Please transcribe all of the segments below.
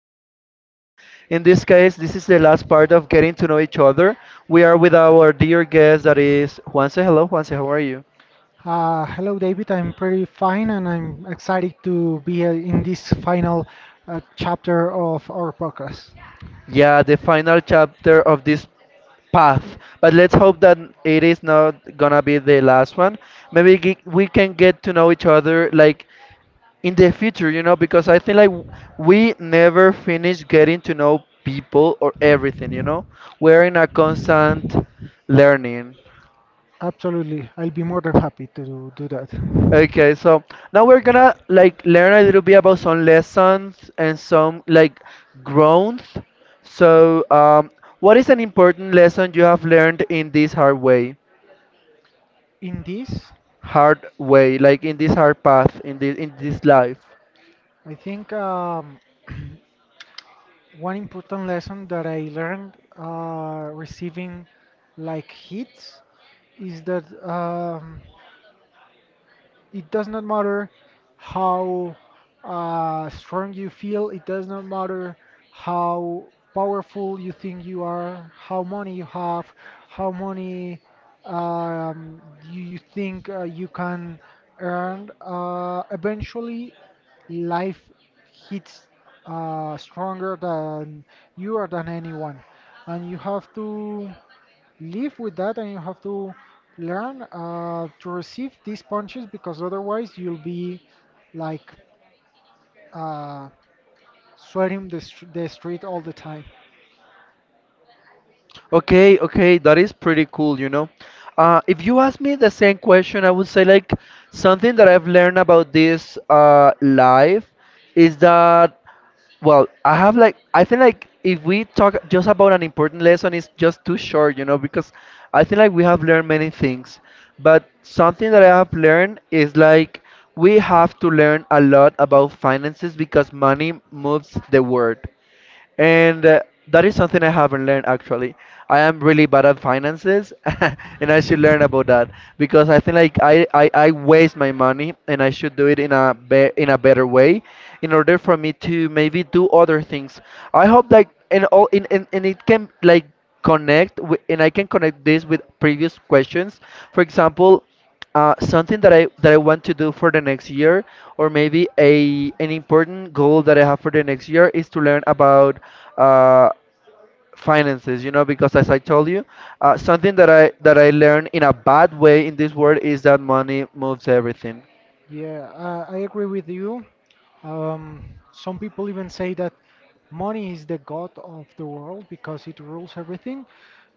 part. Okay, in this case, this is the last part of getting to know each other. We are with our dear guest that is Juanse. Hello, Juanse, how are you? Hello, David. I'm pretty fine, and I'm excited to be in this final chapter of our podcast. Yeah, the final chapter of this path, but let's hope that it is not gonna be the last one. Maybe we can get to know each other like in the future, you know, because I think like we never finish getting to know people or everything, you know. We're in a constant learning. Absolutely, I'll be more than happy to do that. Okay, so now we're gonna like learn a little bit about some lessons and some like growth. So, what is an important lesson you have learned in this In this, hard way, like in this hard path, in this life? I think one important lesson that I learned receiving like hits is that. It does not matter how strong you feel, it does not matter how powerful you think you are, how money you have, how money you think you can earn. Eventually, life hits stronger than you or than anyone, and you have to live with that and you have to learn to receive these punches because otherwise you'll be like uh, sweating the street all the time. Okay, okay, that is pretty cool, you know. If you ask me the same question, I would say like something that I've learned about this life is that well, I have like I think like if we talk just about an important lesson, it's just too short, you know, because I think like we have learned many things. But something that I have learned is like we have to learn a lot about finances because money moves the world. And that is something I haven't learned actually. I am really bad at finances and I should learn about that because I think like I waste my money and I should do it in a be in a better way in order for me to maybe do other things. I hope like and all in and it can like connect with, and I can connect this with previous questions. For example, something that I want to do for the next year, or maybe a an important goal that I have for the next year is to learn about uh, finances. You know, because as I told you, something that I learned in a bad way in this world is that money moves everything. Yeah, I agree with you. Um, some people even say that money is the god of the world because it rules everything.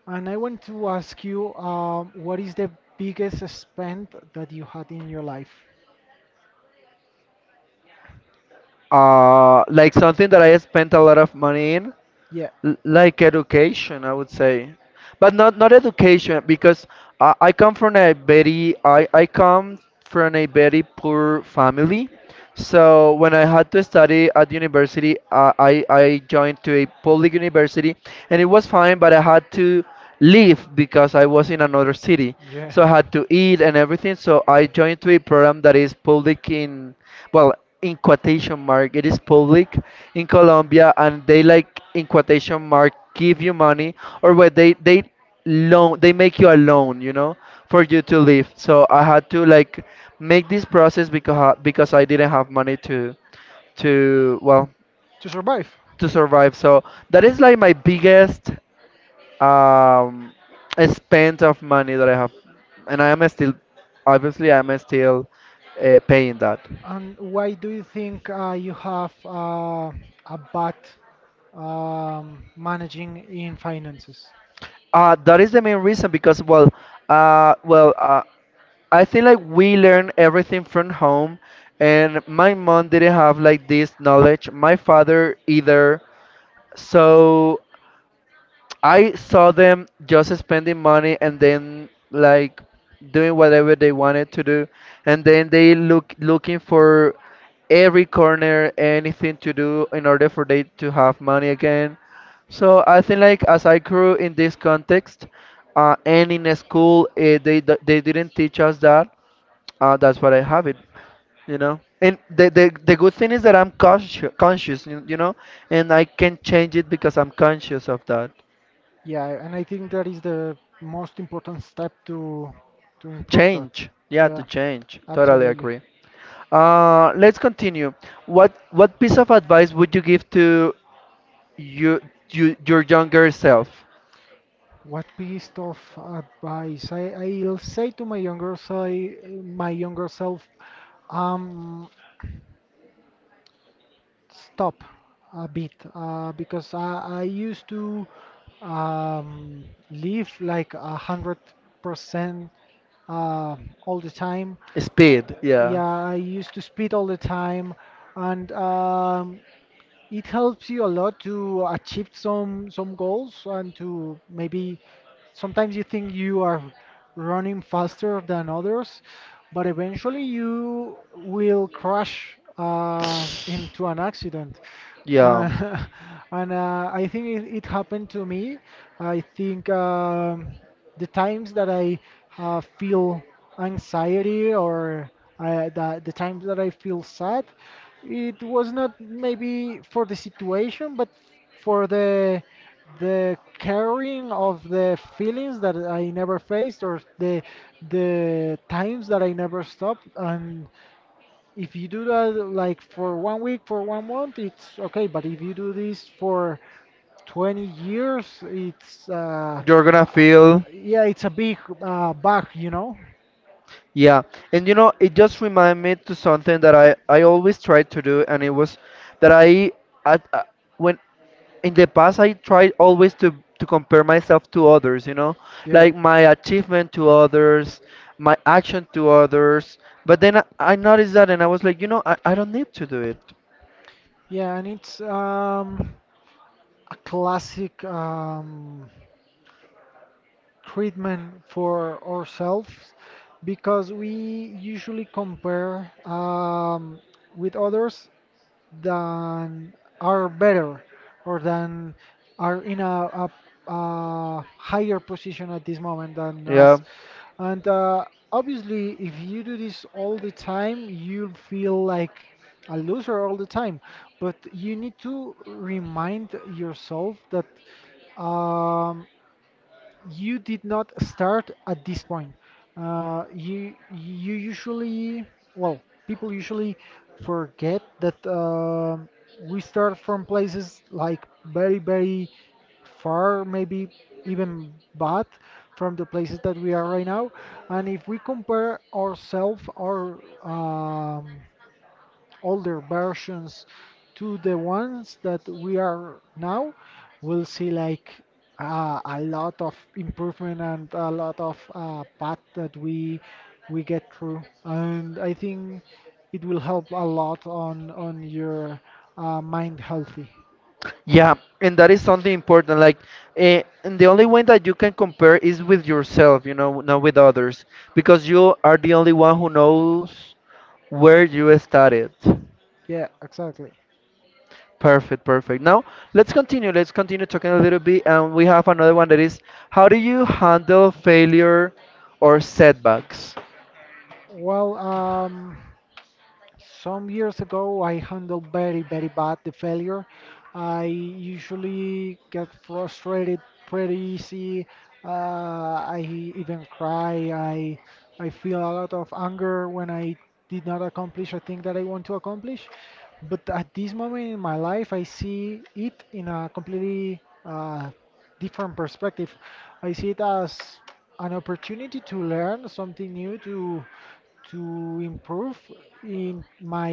And I want to ask you, what is the biggest spend that you had in your life? Like something that I spent a lot of money in. Yeah. Like education I would say, but not education because I come from a very I come from a very poor family, so when I had to study at university, I joined to a public university, and it was fine, but I had to leave because I was in another city, Yeah. so I had to eat and everything. So I joined to a program that is public in, well, in quotation mark it is public, in Colombia, and they like in quotation mark give you money or what they loan, they make you a loan, you know, for you to live. So I had to like make this process because I didn't have money to, well, To survive. to survive. So that is like my biggest um spend of money that I have, and I am still, obviously I'm still, paying that. And why do you think you have a bad managing in finances? That is the main reason because, well, uh, well, uh, I think like we learn everything from home, and my mom didn't have like this knowledge. My father either. So I saw them just spending money and then like doing whatever they wanted to do, and then they looking for every corner, anything to do in order for they to have money again. So I think like as I grew in this context, and in a school, they they didn't teach us that. That's what I have it, you know. And the good thing is that I'm conscious, you know, and I can change it because I'm conscious of that. Yeah, and I think that is the most important step to improve that. Change. Yeah, to Yeah, change. Totally absolutely. agree. Let's continue. What piece of advice would you give to you, you, your younger self? What piece of advice? I'll say to my younger self, um, stop a bit, because I used to um live like 100% uh all the time. Speed. Yeah. Yeah, I used to speed all the time, and it helps you a lot to achieve some goals and to maybe sometimes you think you are running faster than others, but eventually you will crash into an accident. Yeah. Uh, and I think it happened to me. I think. The times that I feel anxiety or the times that I feel sad, it was not maybe for the situation, but for the carrying of the feelings that I never faced or the times that I never stopped. And if you do that like for 1 week, for 1 month, it's okay. But if you do this for 20 years, it's You're gonna feel. yeah, it's a big bug, you know. Yeah. And you know, it just reminded me to something that I always tried to do, and it was that I at when in the past I tried always to compare myself to others, you know, Yeah. like my achievement to others, my action to others. But then I noticed that and I was like, you know, I don't need to do it. Yeah, and it's a classic treatment for ourselves because we usually compare with others than are better or than are in a higher position at this moment than Yeah. us. And obviously, if you do this all the time, you'll feel like a loser all the time. But you need to remind yourself that um, you did not start at this point. You usually well people usually forget that we start from places like very far, maybe even bad from the places that we are right now. And if we compare ourselves or older versions to the ones that we are now, we'll see like a lot of improvement and a lot of path that we get through. And I think it will help a lot on your mind healthy. Yeah, and that is something important. Like, and the only way that you can compare is with yourself, you know, not with others, because you are the only one who knows where you started. Yeah, exactly. Perfect, perfect. Now let's continue. Let's continue talking a little bit, and we have another one that is, how do you handle failure or setbacks? Well, some years ago, I handled very, very bad the failure. I usually get frustrated pretty easy. I even cry. I feel a lot of anger when I did not accomplish a thing that I want to accomplish. But at this moment in my life, I see it in a completely different perspective. I see it as an opportunity to learn something new, to improve in my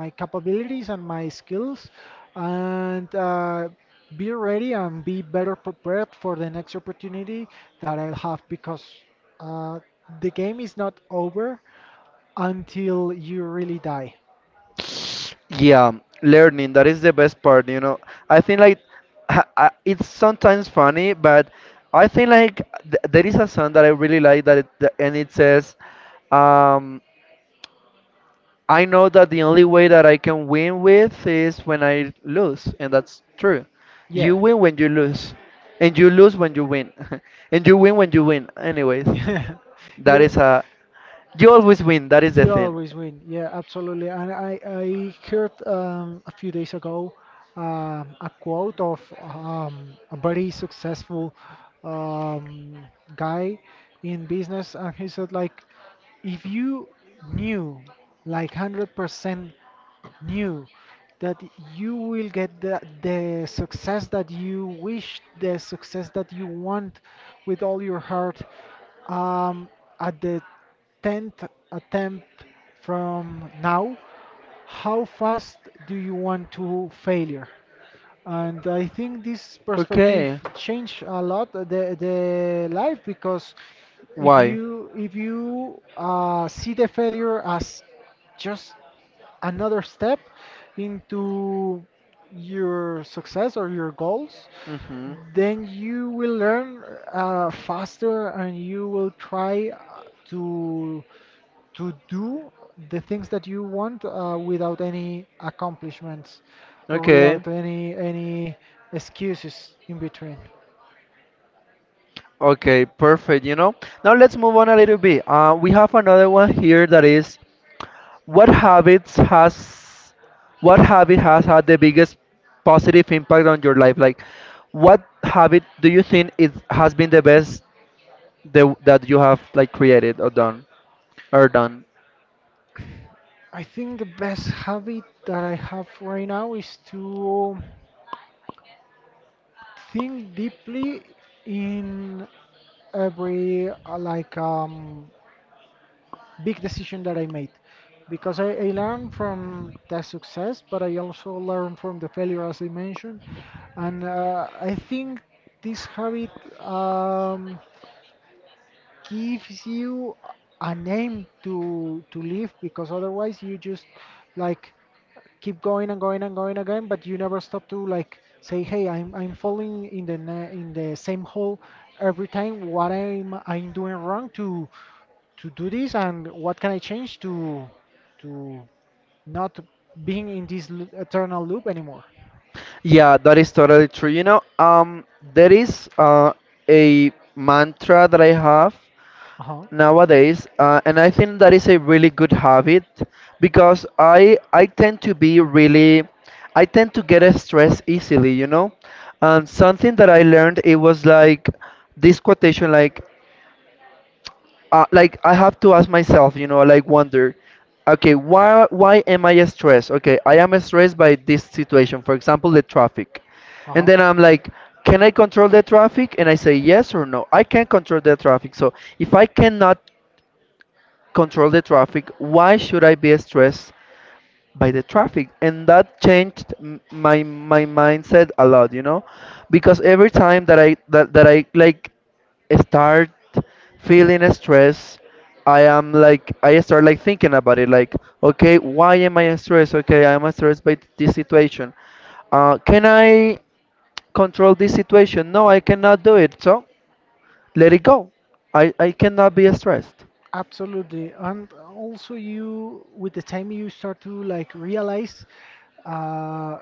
my capabilities and my skills and be ready and be better prepared for the next opportunity that I'll have because uh, the game is not over until you really die. Yeah, learning that is the best part. You know, I think like it's sometimes funny, but I think like there is a song that I really like that, it, that and it says. Um, I know that the only way that I can win with is when I lose, and that's true. You Yeah. win when you lose, and you lose when you win, and you win when you win. Anyways, Yeah. that You is a, you always win. That is the You thing. always win. Yeah, absolutely. And I heard a few days ago a quote of a very successful um, guy in business, and he said like, if you knew like 100% knew that you will get the success that you wish, the success that you want with all your heart um, at the 10th attempt from now, how fast do you want to failure? And I think this perspective Okay. changed a lot the life because if Why? you see the failure as just another step into your success or your goals, Mhm. then you will learn faster and you will try to do the things that you want without any accomplishments or Okay. without any excuses in between. Okay. Perfect. You know. Now let's move on a little bit. We have another one here that is, What habits has what habit has had the biggest positive impact on your life? Like, what habit do you think it has been the best that you have like created or done or done? I think the best habit that I have right now is to think deeply in every big decision that I made because I learned from the success, but I also learned from the failure, as I mentioned. And I think this habit um, gives you a name to live because otherwise you just like keep going and going and going again, but you never stop to like say, "Hey, I'm falling in the in the same hole every time. What I'm doing wrong to do this, and what can I change to not being in this eternal loop anymore?" Yeah, that is totally true. You know, there is a mantra that I have Uh-huh. nowadays, and I think that is a really good habit because I tend to be really, I tend to get stressed easily, you know. And something that I learned it was like this quotation like, like I have to ask myself, you know, like wonder, okay, why am I stressed? Okay, I am stressed by this situation, for example, the traffic. And Uh-huh. then I'm like, can I control the traffic? And I say yes or no. I can control the traffic. So if I cannot control the traffic, why should I be stressed by the traffic? And that changed my my mindset a lot, you know, because every time that that I like start feeling stress, I am like I start like thinking about it, like okay, why am I stressed? Okay, I am stressed by this situation. Can I control this situation? No, I cannot do it. So let it go. I cannot be stressed. Absolutely. And also you with the time you start to like realize uh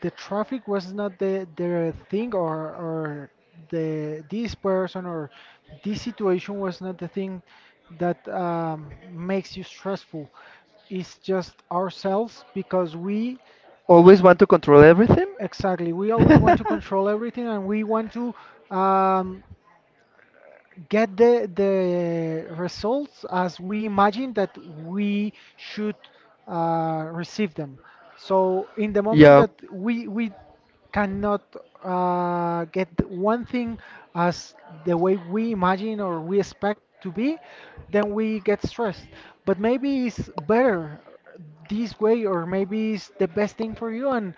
the traffic was not the the thing or the this person or this situation was not the thing that makes you stressful. It's just ourselves because we Always want to control everything. exactly we always want to control everything and we want to um, get the results as we imagine that we should receive them. So in the moment Yeah, that we cannot get one thing as the way we imagine or we expect to be, then we get stressed. But maybe it's better this way or maybe it's the best thing for you and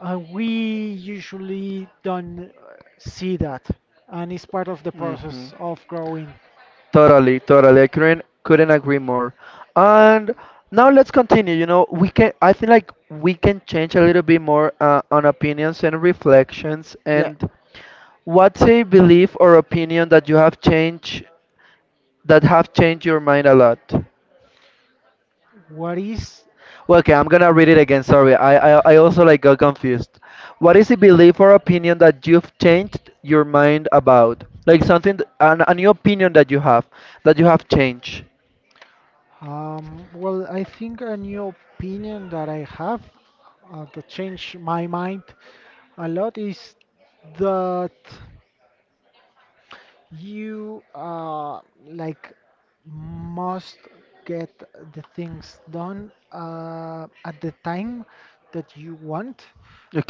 we usually don't see that and it's part of the mhm. process of growing. Totally, totally. I couldn't agree more. And now let's continue. You know, we can. I think like we can change a little bit more on opinions and reflections. Yeah. And what's a belief or opinion that you have changed, that have changed your mind a lot? What is Well, okay, I'm gonna read it again. Sorry, I also like got confused. What is a belief or opinion that you've changed your mind about? Like something, a new opinion that you have, that you have changed. Well, I think a new opinion that I have that changed my mind a lot is that. You like must get the things done at the time that you want,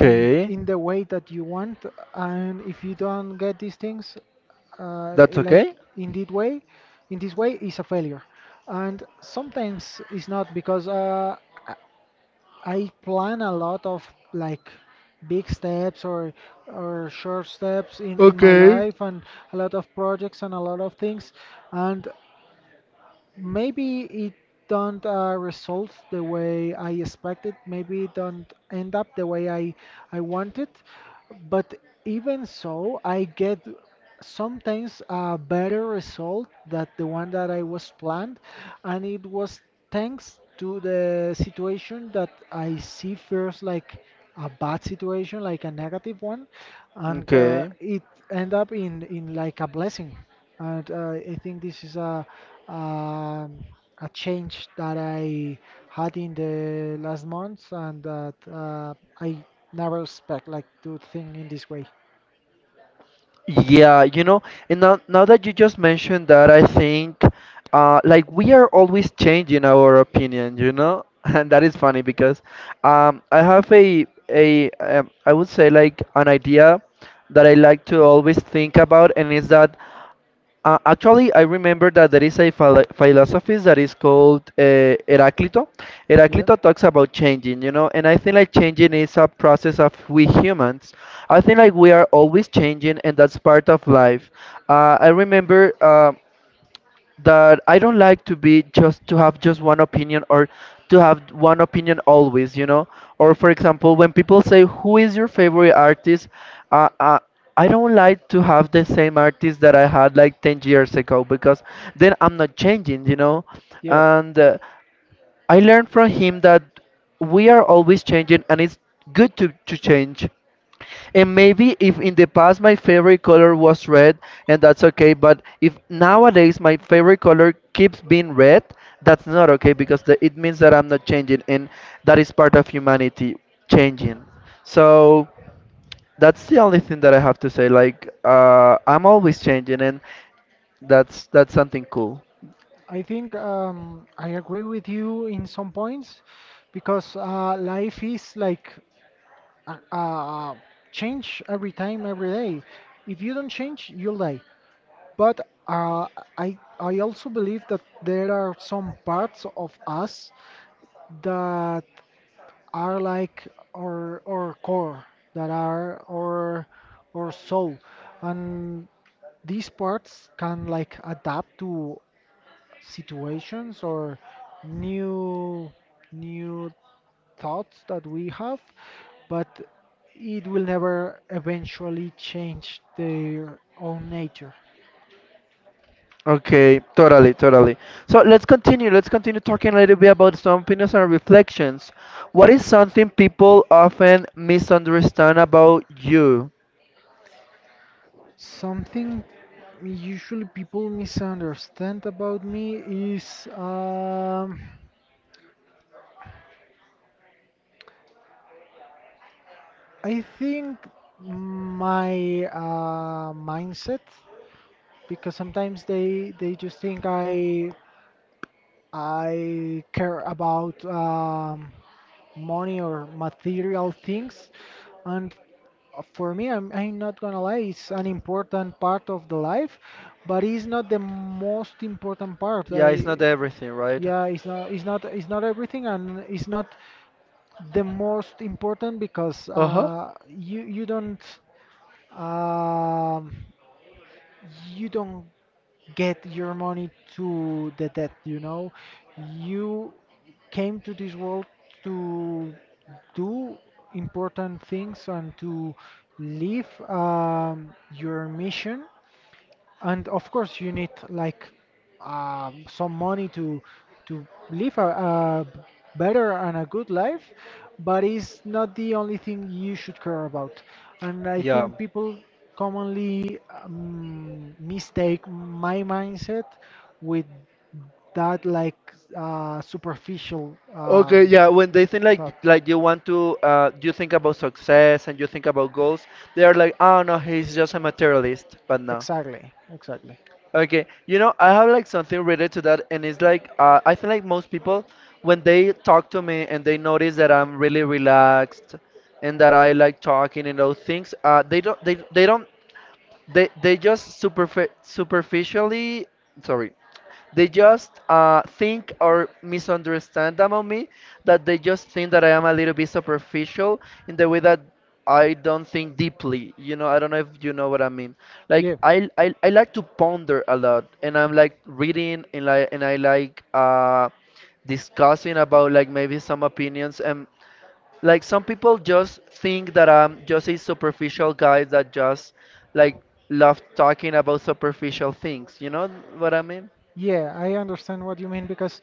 in the way that you want, and if you don't get these things, that's okay. like in this way is a failure. And sometimes it's not because I plan a lot of like big steps or short steps in my Okay. life and a lot of projects and a lot of things and maybe it don't result the way I expected. Maybe it don't end up the way I wanted. But even so, I get sometimes a better result than the one that I was planned, and it was thanks to the situation that I see first like a bad situation, like a negative one, and Okay. it end up in like a blessing and I think this is um a change that I had in the last months, and that I never expect like to think in this way. Yeah, you know, and now that you just mentioned that, I think like we are always changing our opinion, you know? And that is funny because I have a I would say like an idea that I like to always think about, and is that. Actually, I remember that there is a philosophy that is called Heraclito. Yeah. Yeah. Heraclito talks about changing, you know, and I think like changing is a process of we humans. I think like we are always changing, and that's part of life. I remember. That I don't like to be just to have just one opinion or to have one opinion always, you know. Or for example, when people say who is your favorite artist, uh, uh, I don't like to have the same artist that I had like 10 years ago because then I'm not changing, you know. And I learned from him that we are always changing and it's good to change. And maybe if in the past my favorite color was red, and that's okay, but if nowadays my favorite color keeps being red, that's not okay because it means that I'm not changing, and that is part of humanity changing. So that's the only thing that I have to say. Like, I'm always changing, and that's something cool. I think I agree with you in some points because life is like uh, uh, change every time, every day. If you don't change, you'll die. But uh, I also believe that there are some parts of us that are like our core, that are our soul, and these parts can like adapt to situations or new new thoughts that we have, but it will never eventually change their own nature. Okay, totally, totally. So let's continue. Let's continue talking a little bit about some opinions and reflections. What is something people often misunderstand about you? Something usually people misunderstand about me is I think my mindset because sometimes they just think I care about money or material things, and for me, I'm not gonna lie, it's an important part of the life, but it's not the most important part. Yeah, it's I, not everything, right? yeah, it's not everything, and it's not the most important because Uh-huh. You um you don't get your money to the debt, you know? You came to this world to do important things and to live your mission and of course you need like some money to live a better and a good life but it's not the only thing you should care about and I Yeah. think people commonly mistake my mindset with that like superficial Okay, yeah, when they think like thought. like you want to you think about success and you think about goals, they are like, "Oh no, he's just a materialist." But no. Exactly, exactly. Yeah, Okay, you know, I have like something related to that, and it's like I feel like most people, when they talk to me and they notice that I'm really relaxed and that I like talking and those things, they don't, they don't, they just superfi superficially, sorry, they just think or misunderstand about me that they just think that I am a little bit superficial in the way that I don't think deeply. You know, I don't know if you know what I mean. Like I like to ponder a lot, and I'm like reading and like and I like discussing about like maybe some opinions and like some people just think that I'm just a superficial guy that just like love talking about superficial things. You know what I mean? yeah, I understand what you mean because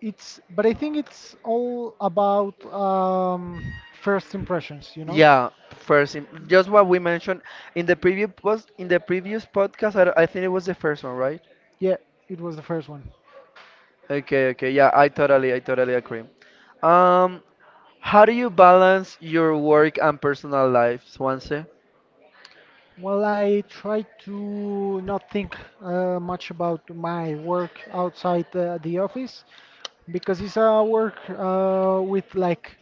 it's, but I think it's all about first impressions, you. Yeah, just what we mentioned in the previous podcast. I think it was the first one, right? Yeah, it was the first one. Okay, okay, yeah, I totally agree. Um, how do you balance your work and personal life, Swansea? Well, I try to not think much about my work outside the office because it's a work with like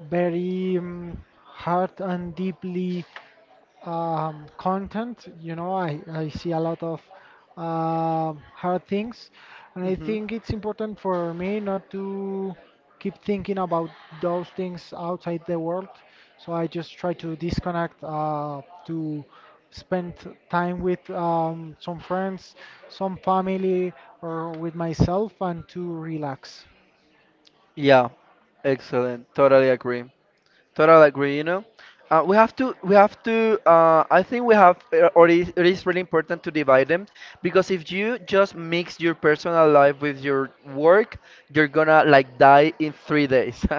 very hard and deeply content. You know, I see a lot of hard things, and I Mm-hmm. think it's important for me not to keep thinking about those things outside the world. So I just try to disconnect, to spend time with some friends, some family, or with myself, and to relax. Yeah, excellent, totally agree. Totally agree, you know. We have to, I think we have, or it is really important to divide them because if you just mix your personal life with your work, you're gonna like die in 3 days.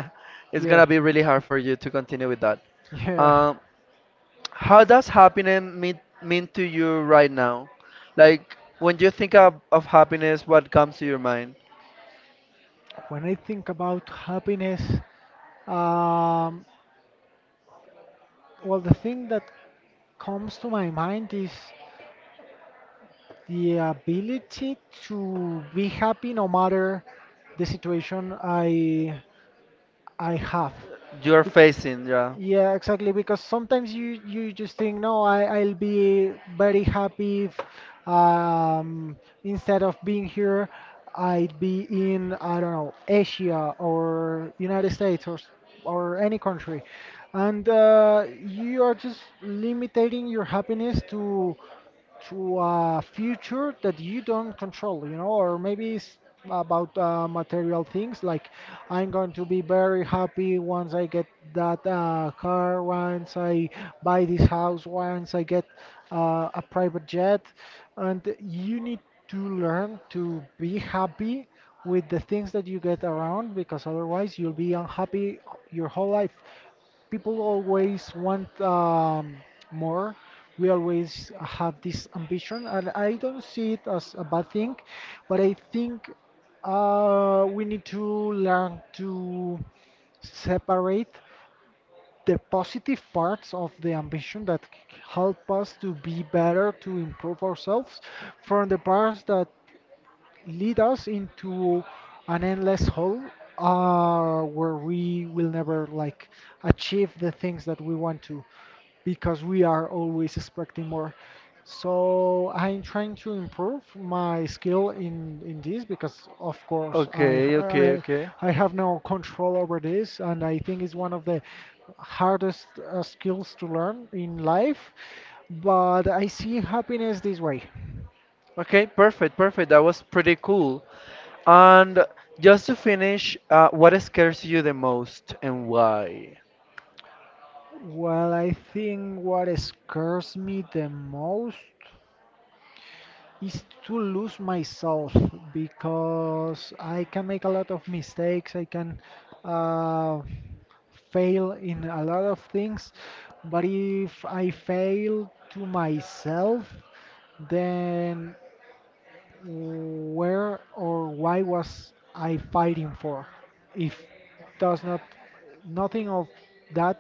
It's Yeah, gonna be really hard for you to continue with that. yeah. Um, how does mean to you right now? Like, when you think of happiness, what comes to your mind? When I think about happiness, um, well, the thing that comes to my mind is the ability to be happy no matter the situation I have. You're facing, yeah. Yeah, exactly. Because sometimes you just think, no, I'll be very happy if, um, instead of being here, I'd be in, I don't know, Asia or United States or or any country, and you are just limiting your happiness to a future that you don't control, you know, or maybe it's about material things like I'm going to be very happy once I get that car, once I buy this house, once I get a private jet, and you need to learn to be happy with the things that you get around because otherwise you'll be unhappy your whole life. People always want more. We always have this ambition, and I don't see it as a bad thing, but I think we need to learn to separate the positive parts of the ambition that help us to be better, to improve ourselves, from the parts that lead us into an endless hole where we will never like achieve the things that we want to, because we are always expecting more. So I'm trying to improve my skill in this because of course I Okay, okay, I okay. I have no control over this, and I think it's one of the hardest skills to learn in life. But I see happiness this way. Okay, perfect, perfect. That was pretty cool. And just to finish, what scares you the most and why? Well, I think what scares me the most is to lose myself, because I can make a lot of mistakes, I can uh, fail in a lot of things, but if I fail to myself, then where or why was I fighting for? If does not nothing of that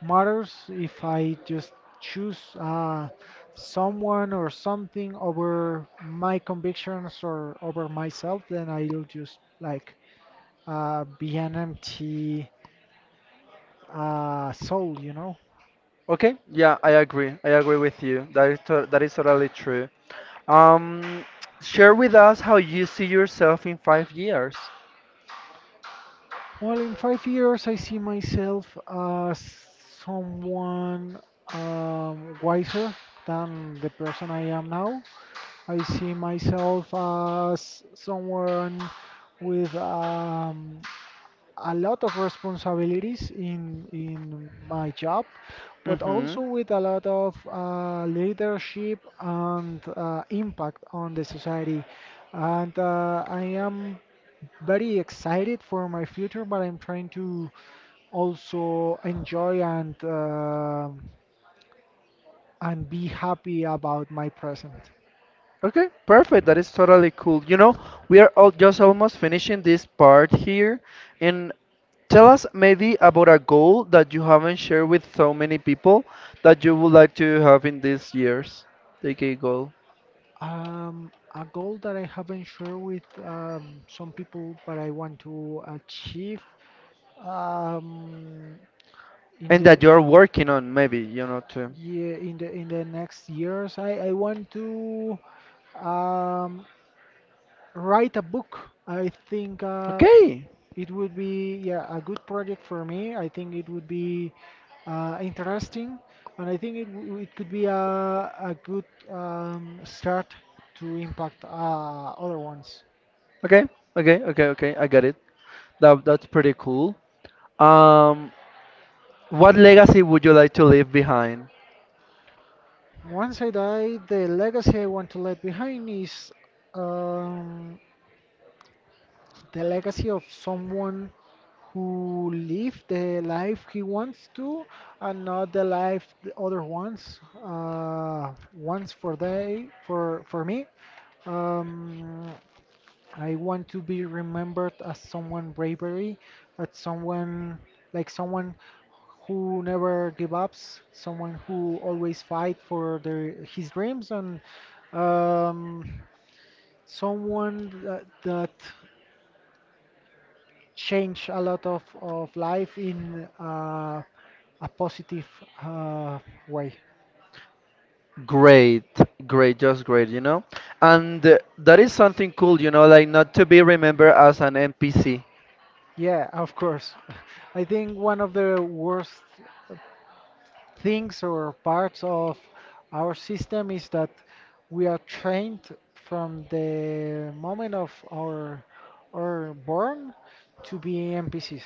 matters if I just choose someone or something over my convictions or over myself, then I'll just like be an empty soul, you know. Okay, yeah, I agree. I agree with you. That is totally true. Um, Share with us how you see yourself in 5 years. Well, in 5 years, I see myself as someone wiser than the person I am now. I see myself as someone with a lot of responsibilities in my job, but Mm-hmm. also with a lot of leadership and impact on the society. And I am very excited for my future, but I'm trying to also enjoy and be happy about my present. Okay, perfect. That is totally cool. You know, we are all just almost finishing this part here, and tell us maybe about a goal that you haven't shared with so many people that you would like to have in these years. Take a goal. A goal that I haven't shared with some people, but I want to achieve, um, in And the, that you're working on maybe you know to yeah, in the next years. I want to um, write a book. I think okay, it would be, yeah, a good project for me. I think it would be interesting, and I think it it could be a good start to impact other ones. okay, okay, okay, okay, I got it. That's pretty cool. um what legacy would you like to leave behind? Once I die, the legacy I want to leave behind is, um, the legacy of someone who lived the life he wants to and not the life the other wants, once for they for me, um, I want to be remembered as someone bravery, as someone, like someone who never give ups, someone who always fight for their his dreams, and um, someone that change a lot of life in, a positive uh, way. Great, great, just great, you know. And that is something cool, you know, like not to be remembered as an npc. Yeah, of course. I think one of the worst things or parts of our system is that we are trained from the moment of our or born to be NPCs.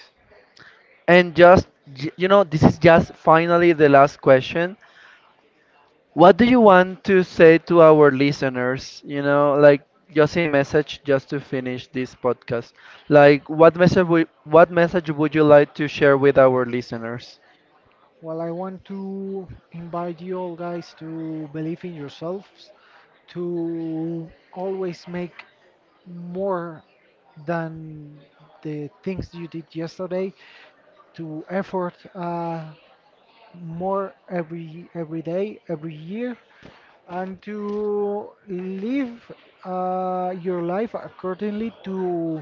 and just you know, this is just finally the last question. What do you want to say to our listeners? You know, like just a message just to finish this podcast. Like what message would you like to share with our listeners? Well, I want to invite you all guys to believe in yourselves, to always make more than the things you did yesterday, to effort more every day, every year, and to live your life accordingly to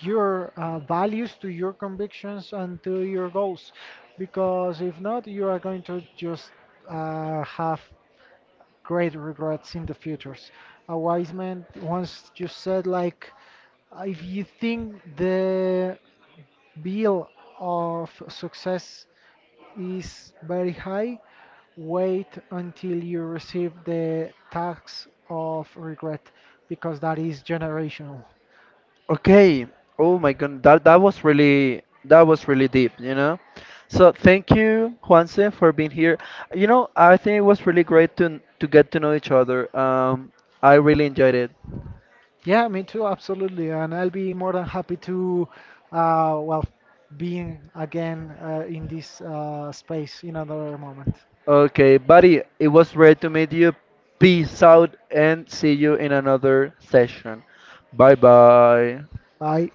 your values, to your convictions, and to your goals. Because if not, you are going to just have great regrets in the futures. A wise man once just said, like, if you think the bill of success is very high, wait until you receive the tax of regret, because that is generational. Okay. Oh my god, that was really deep, you know? So thank you, Juanse, for being here. You know, I think it was really great to get to know each other. I really enjoyed it. Yeah, me too, absolutely. And I'll be more than happy to, well, being again in this space in another moment. Okay, buddy, it was great to meet you. Peace out and see you in another session. Bye bye. Bye.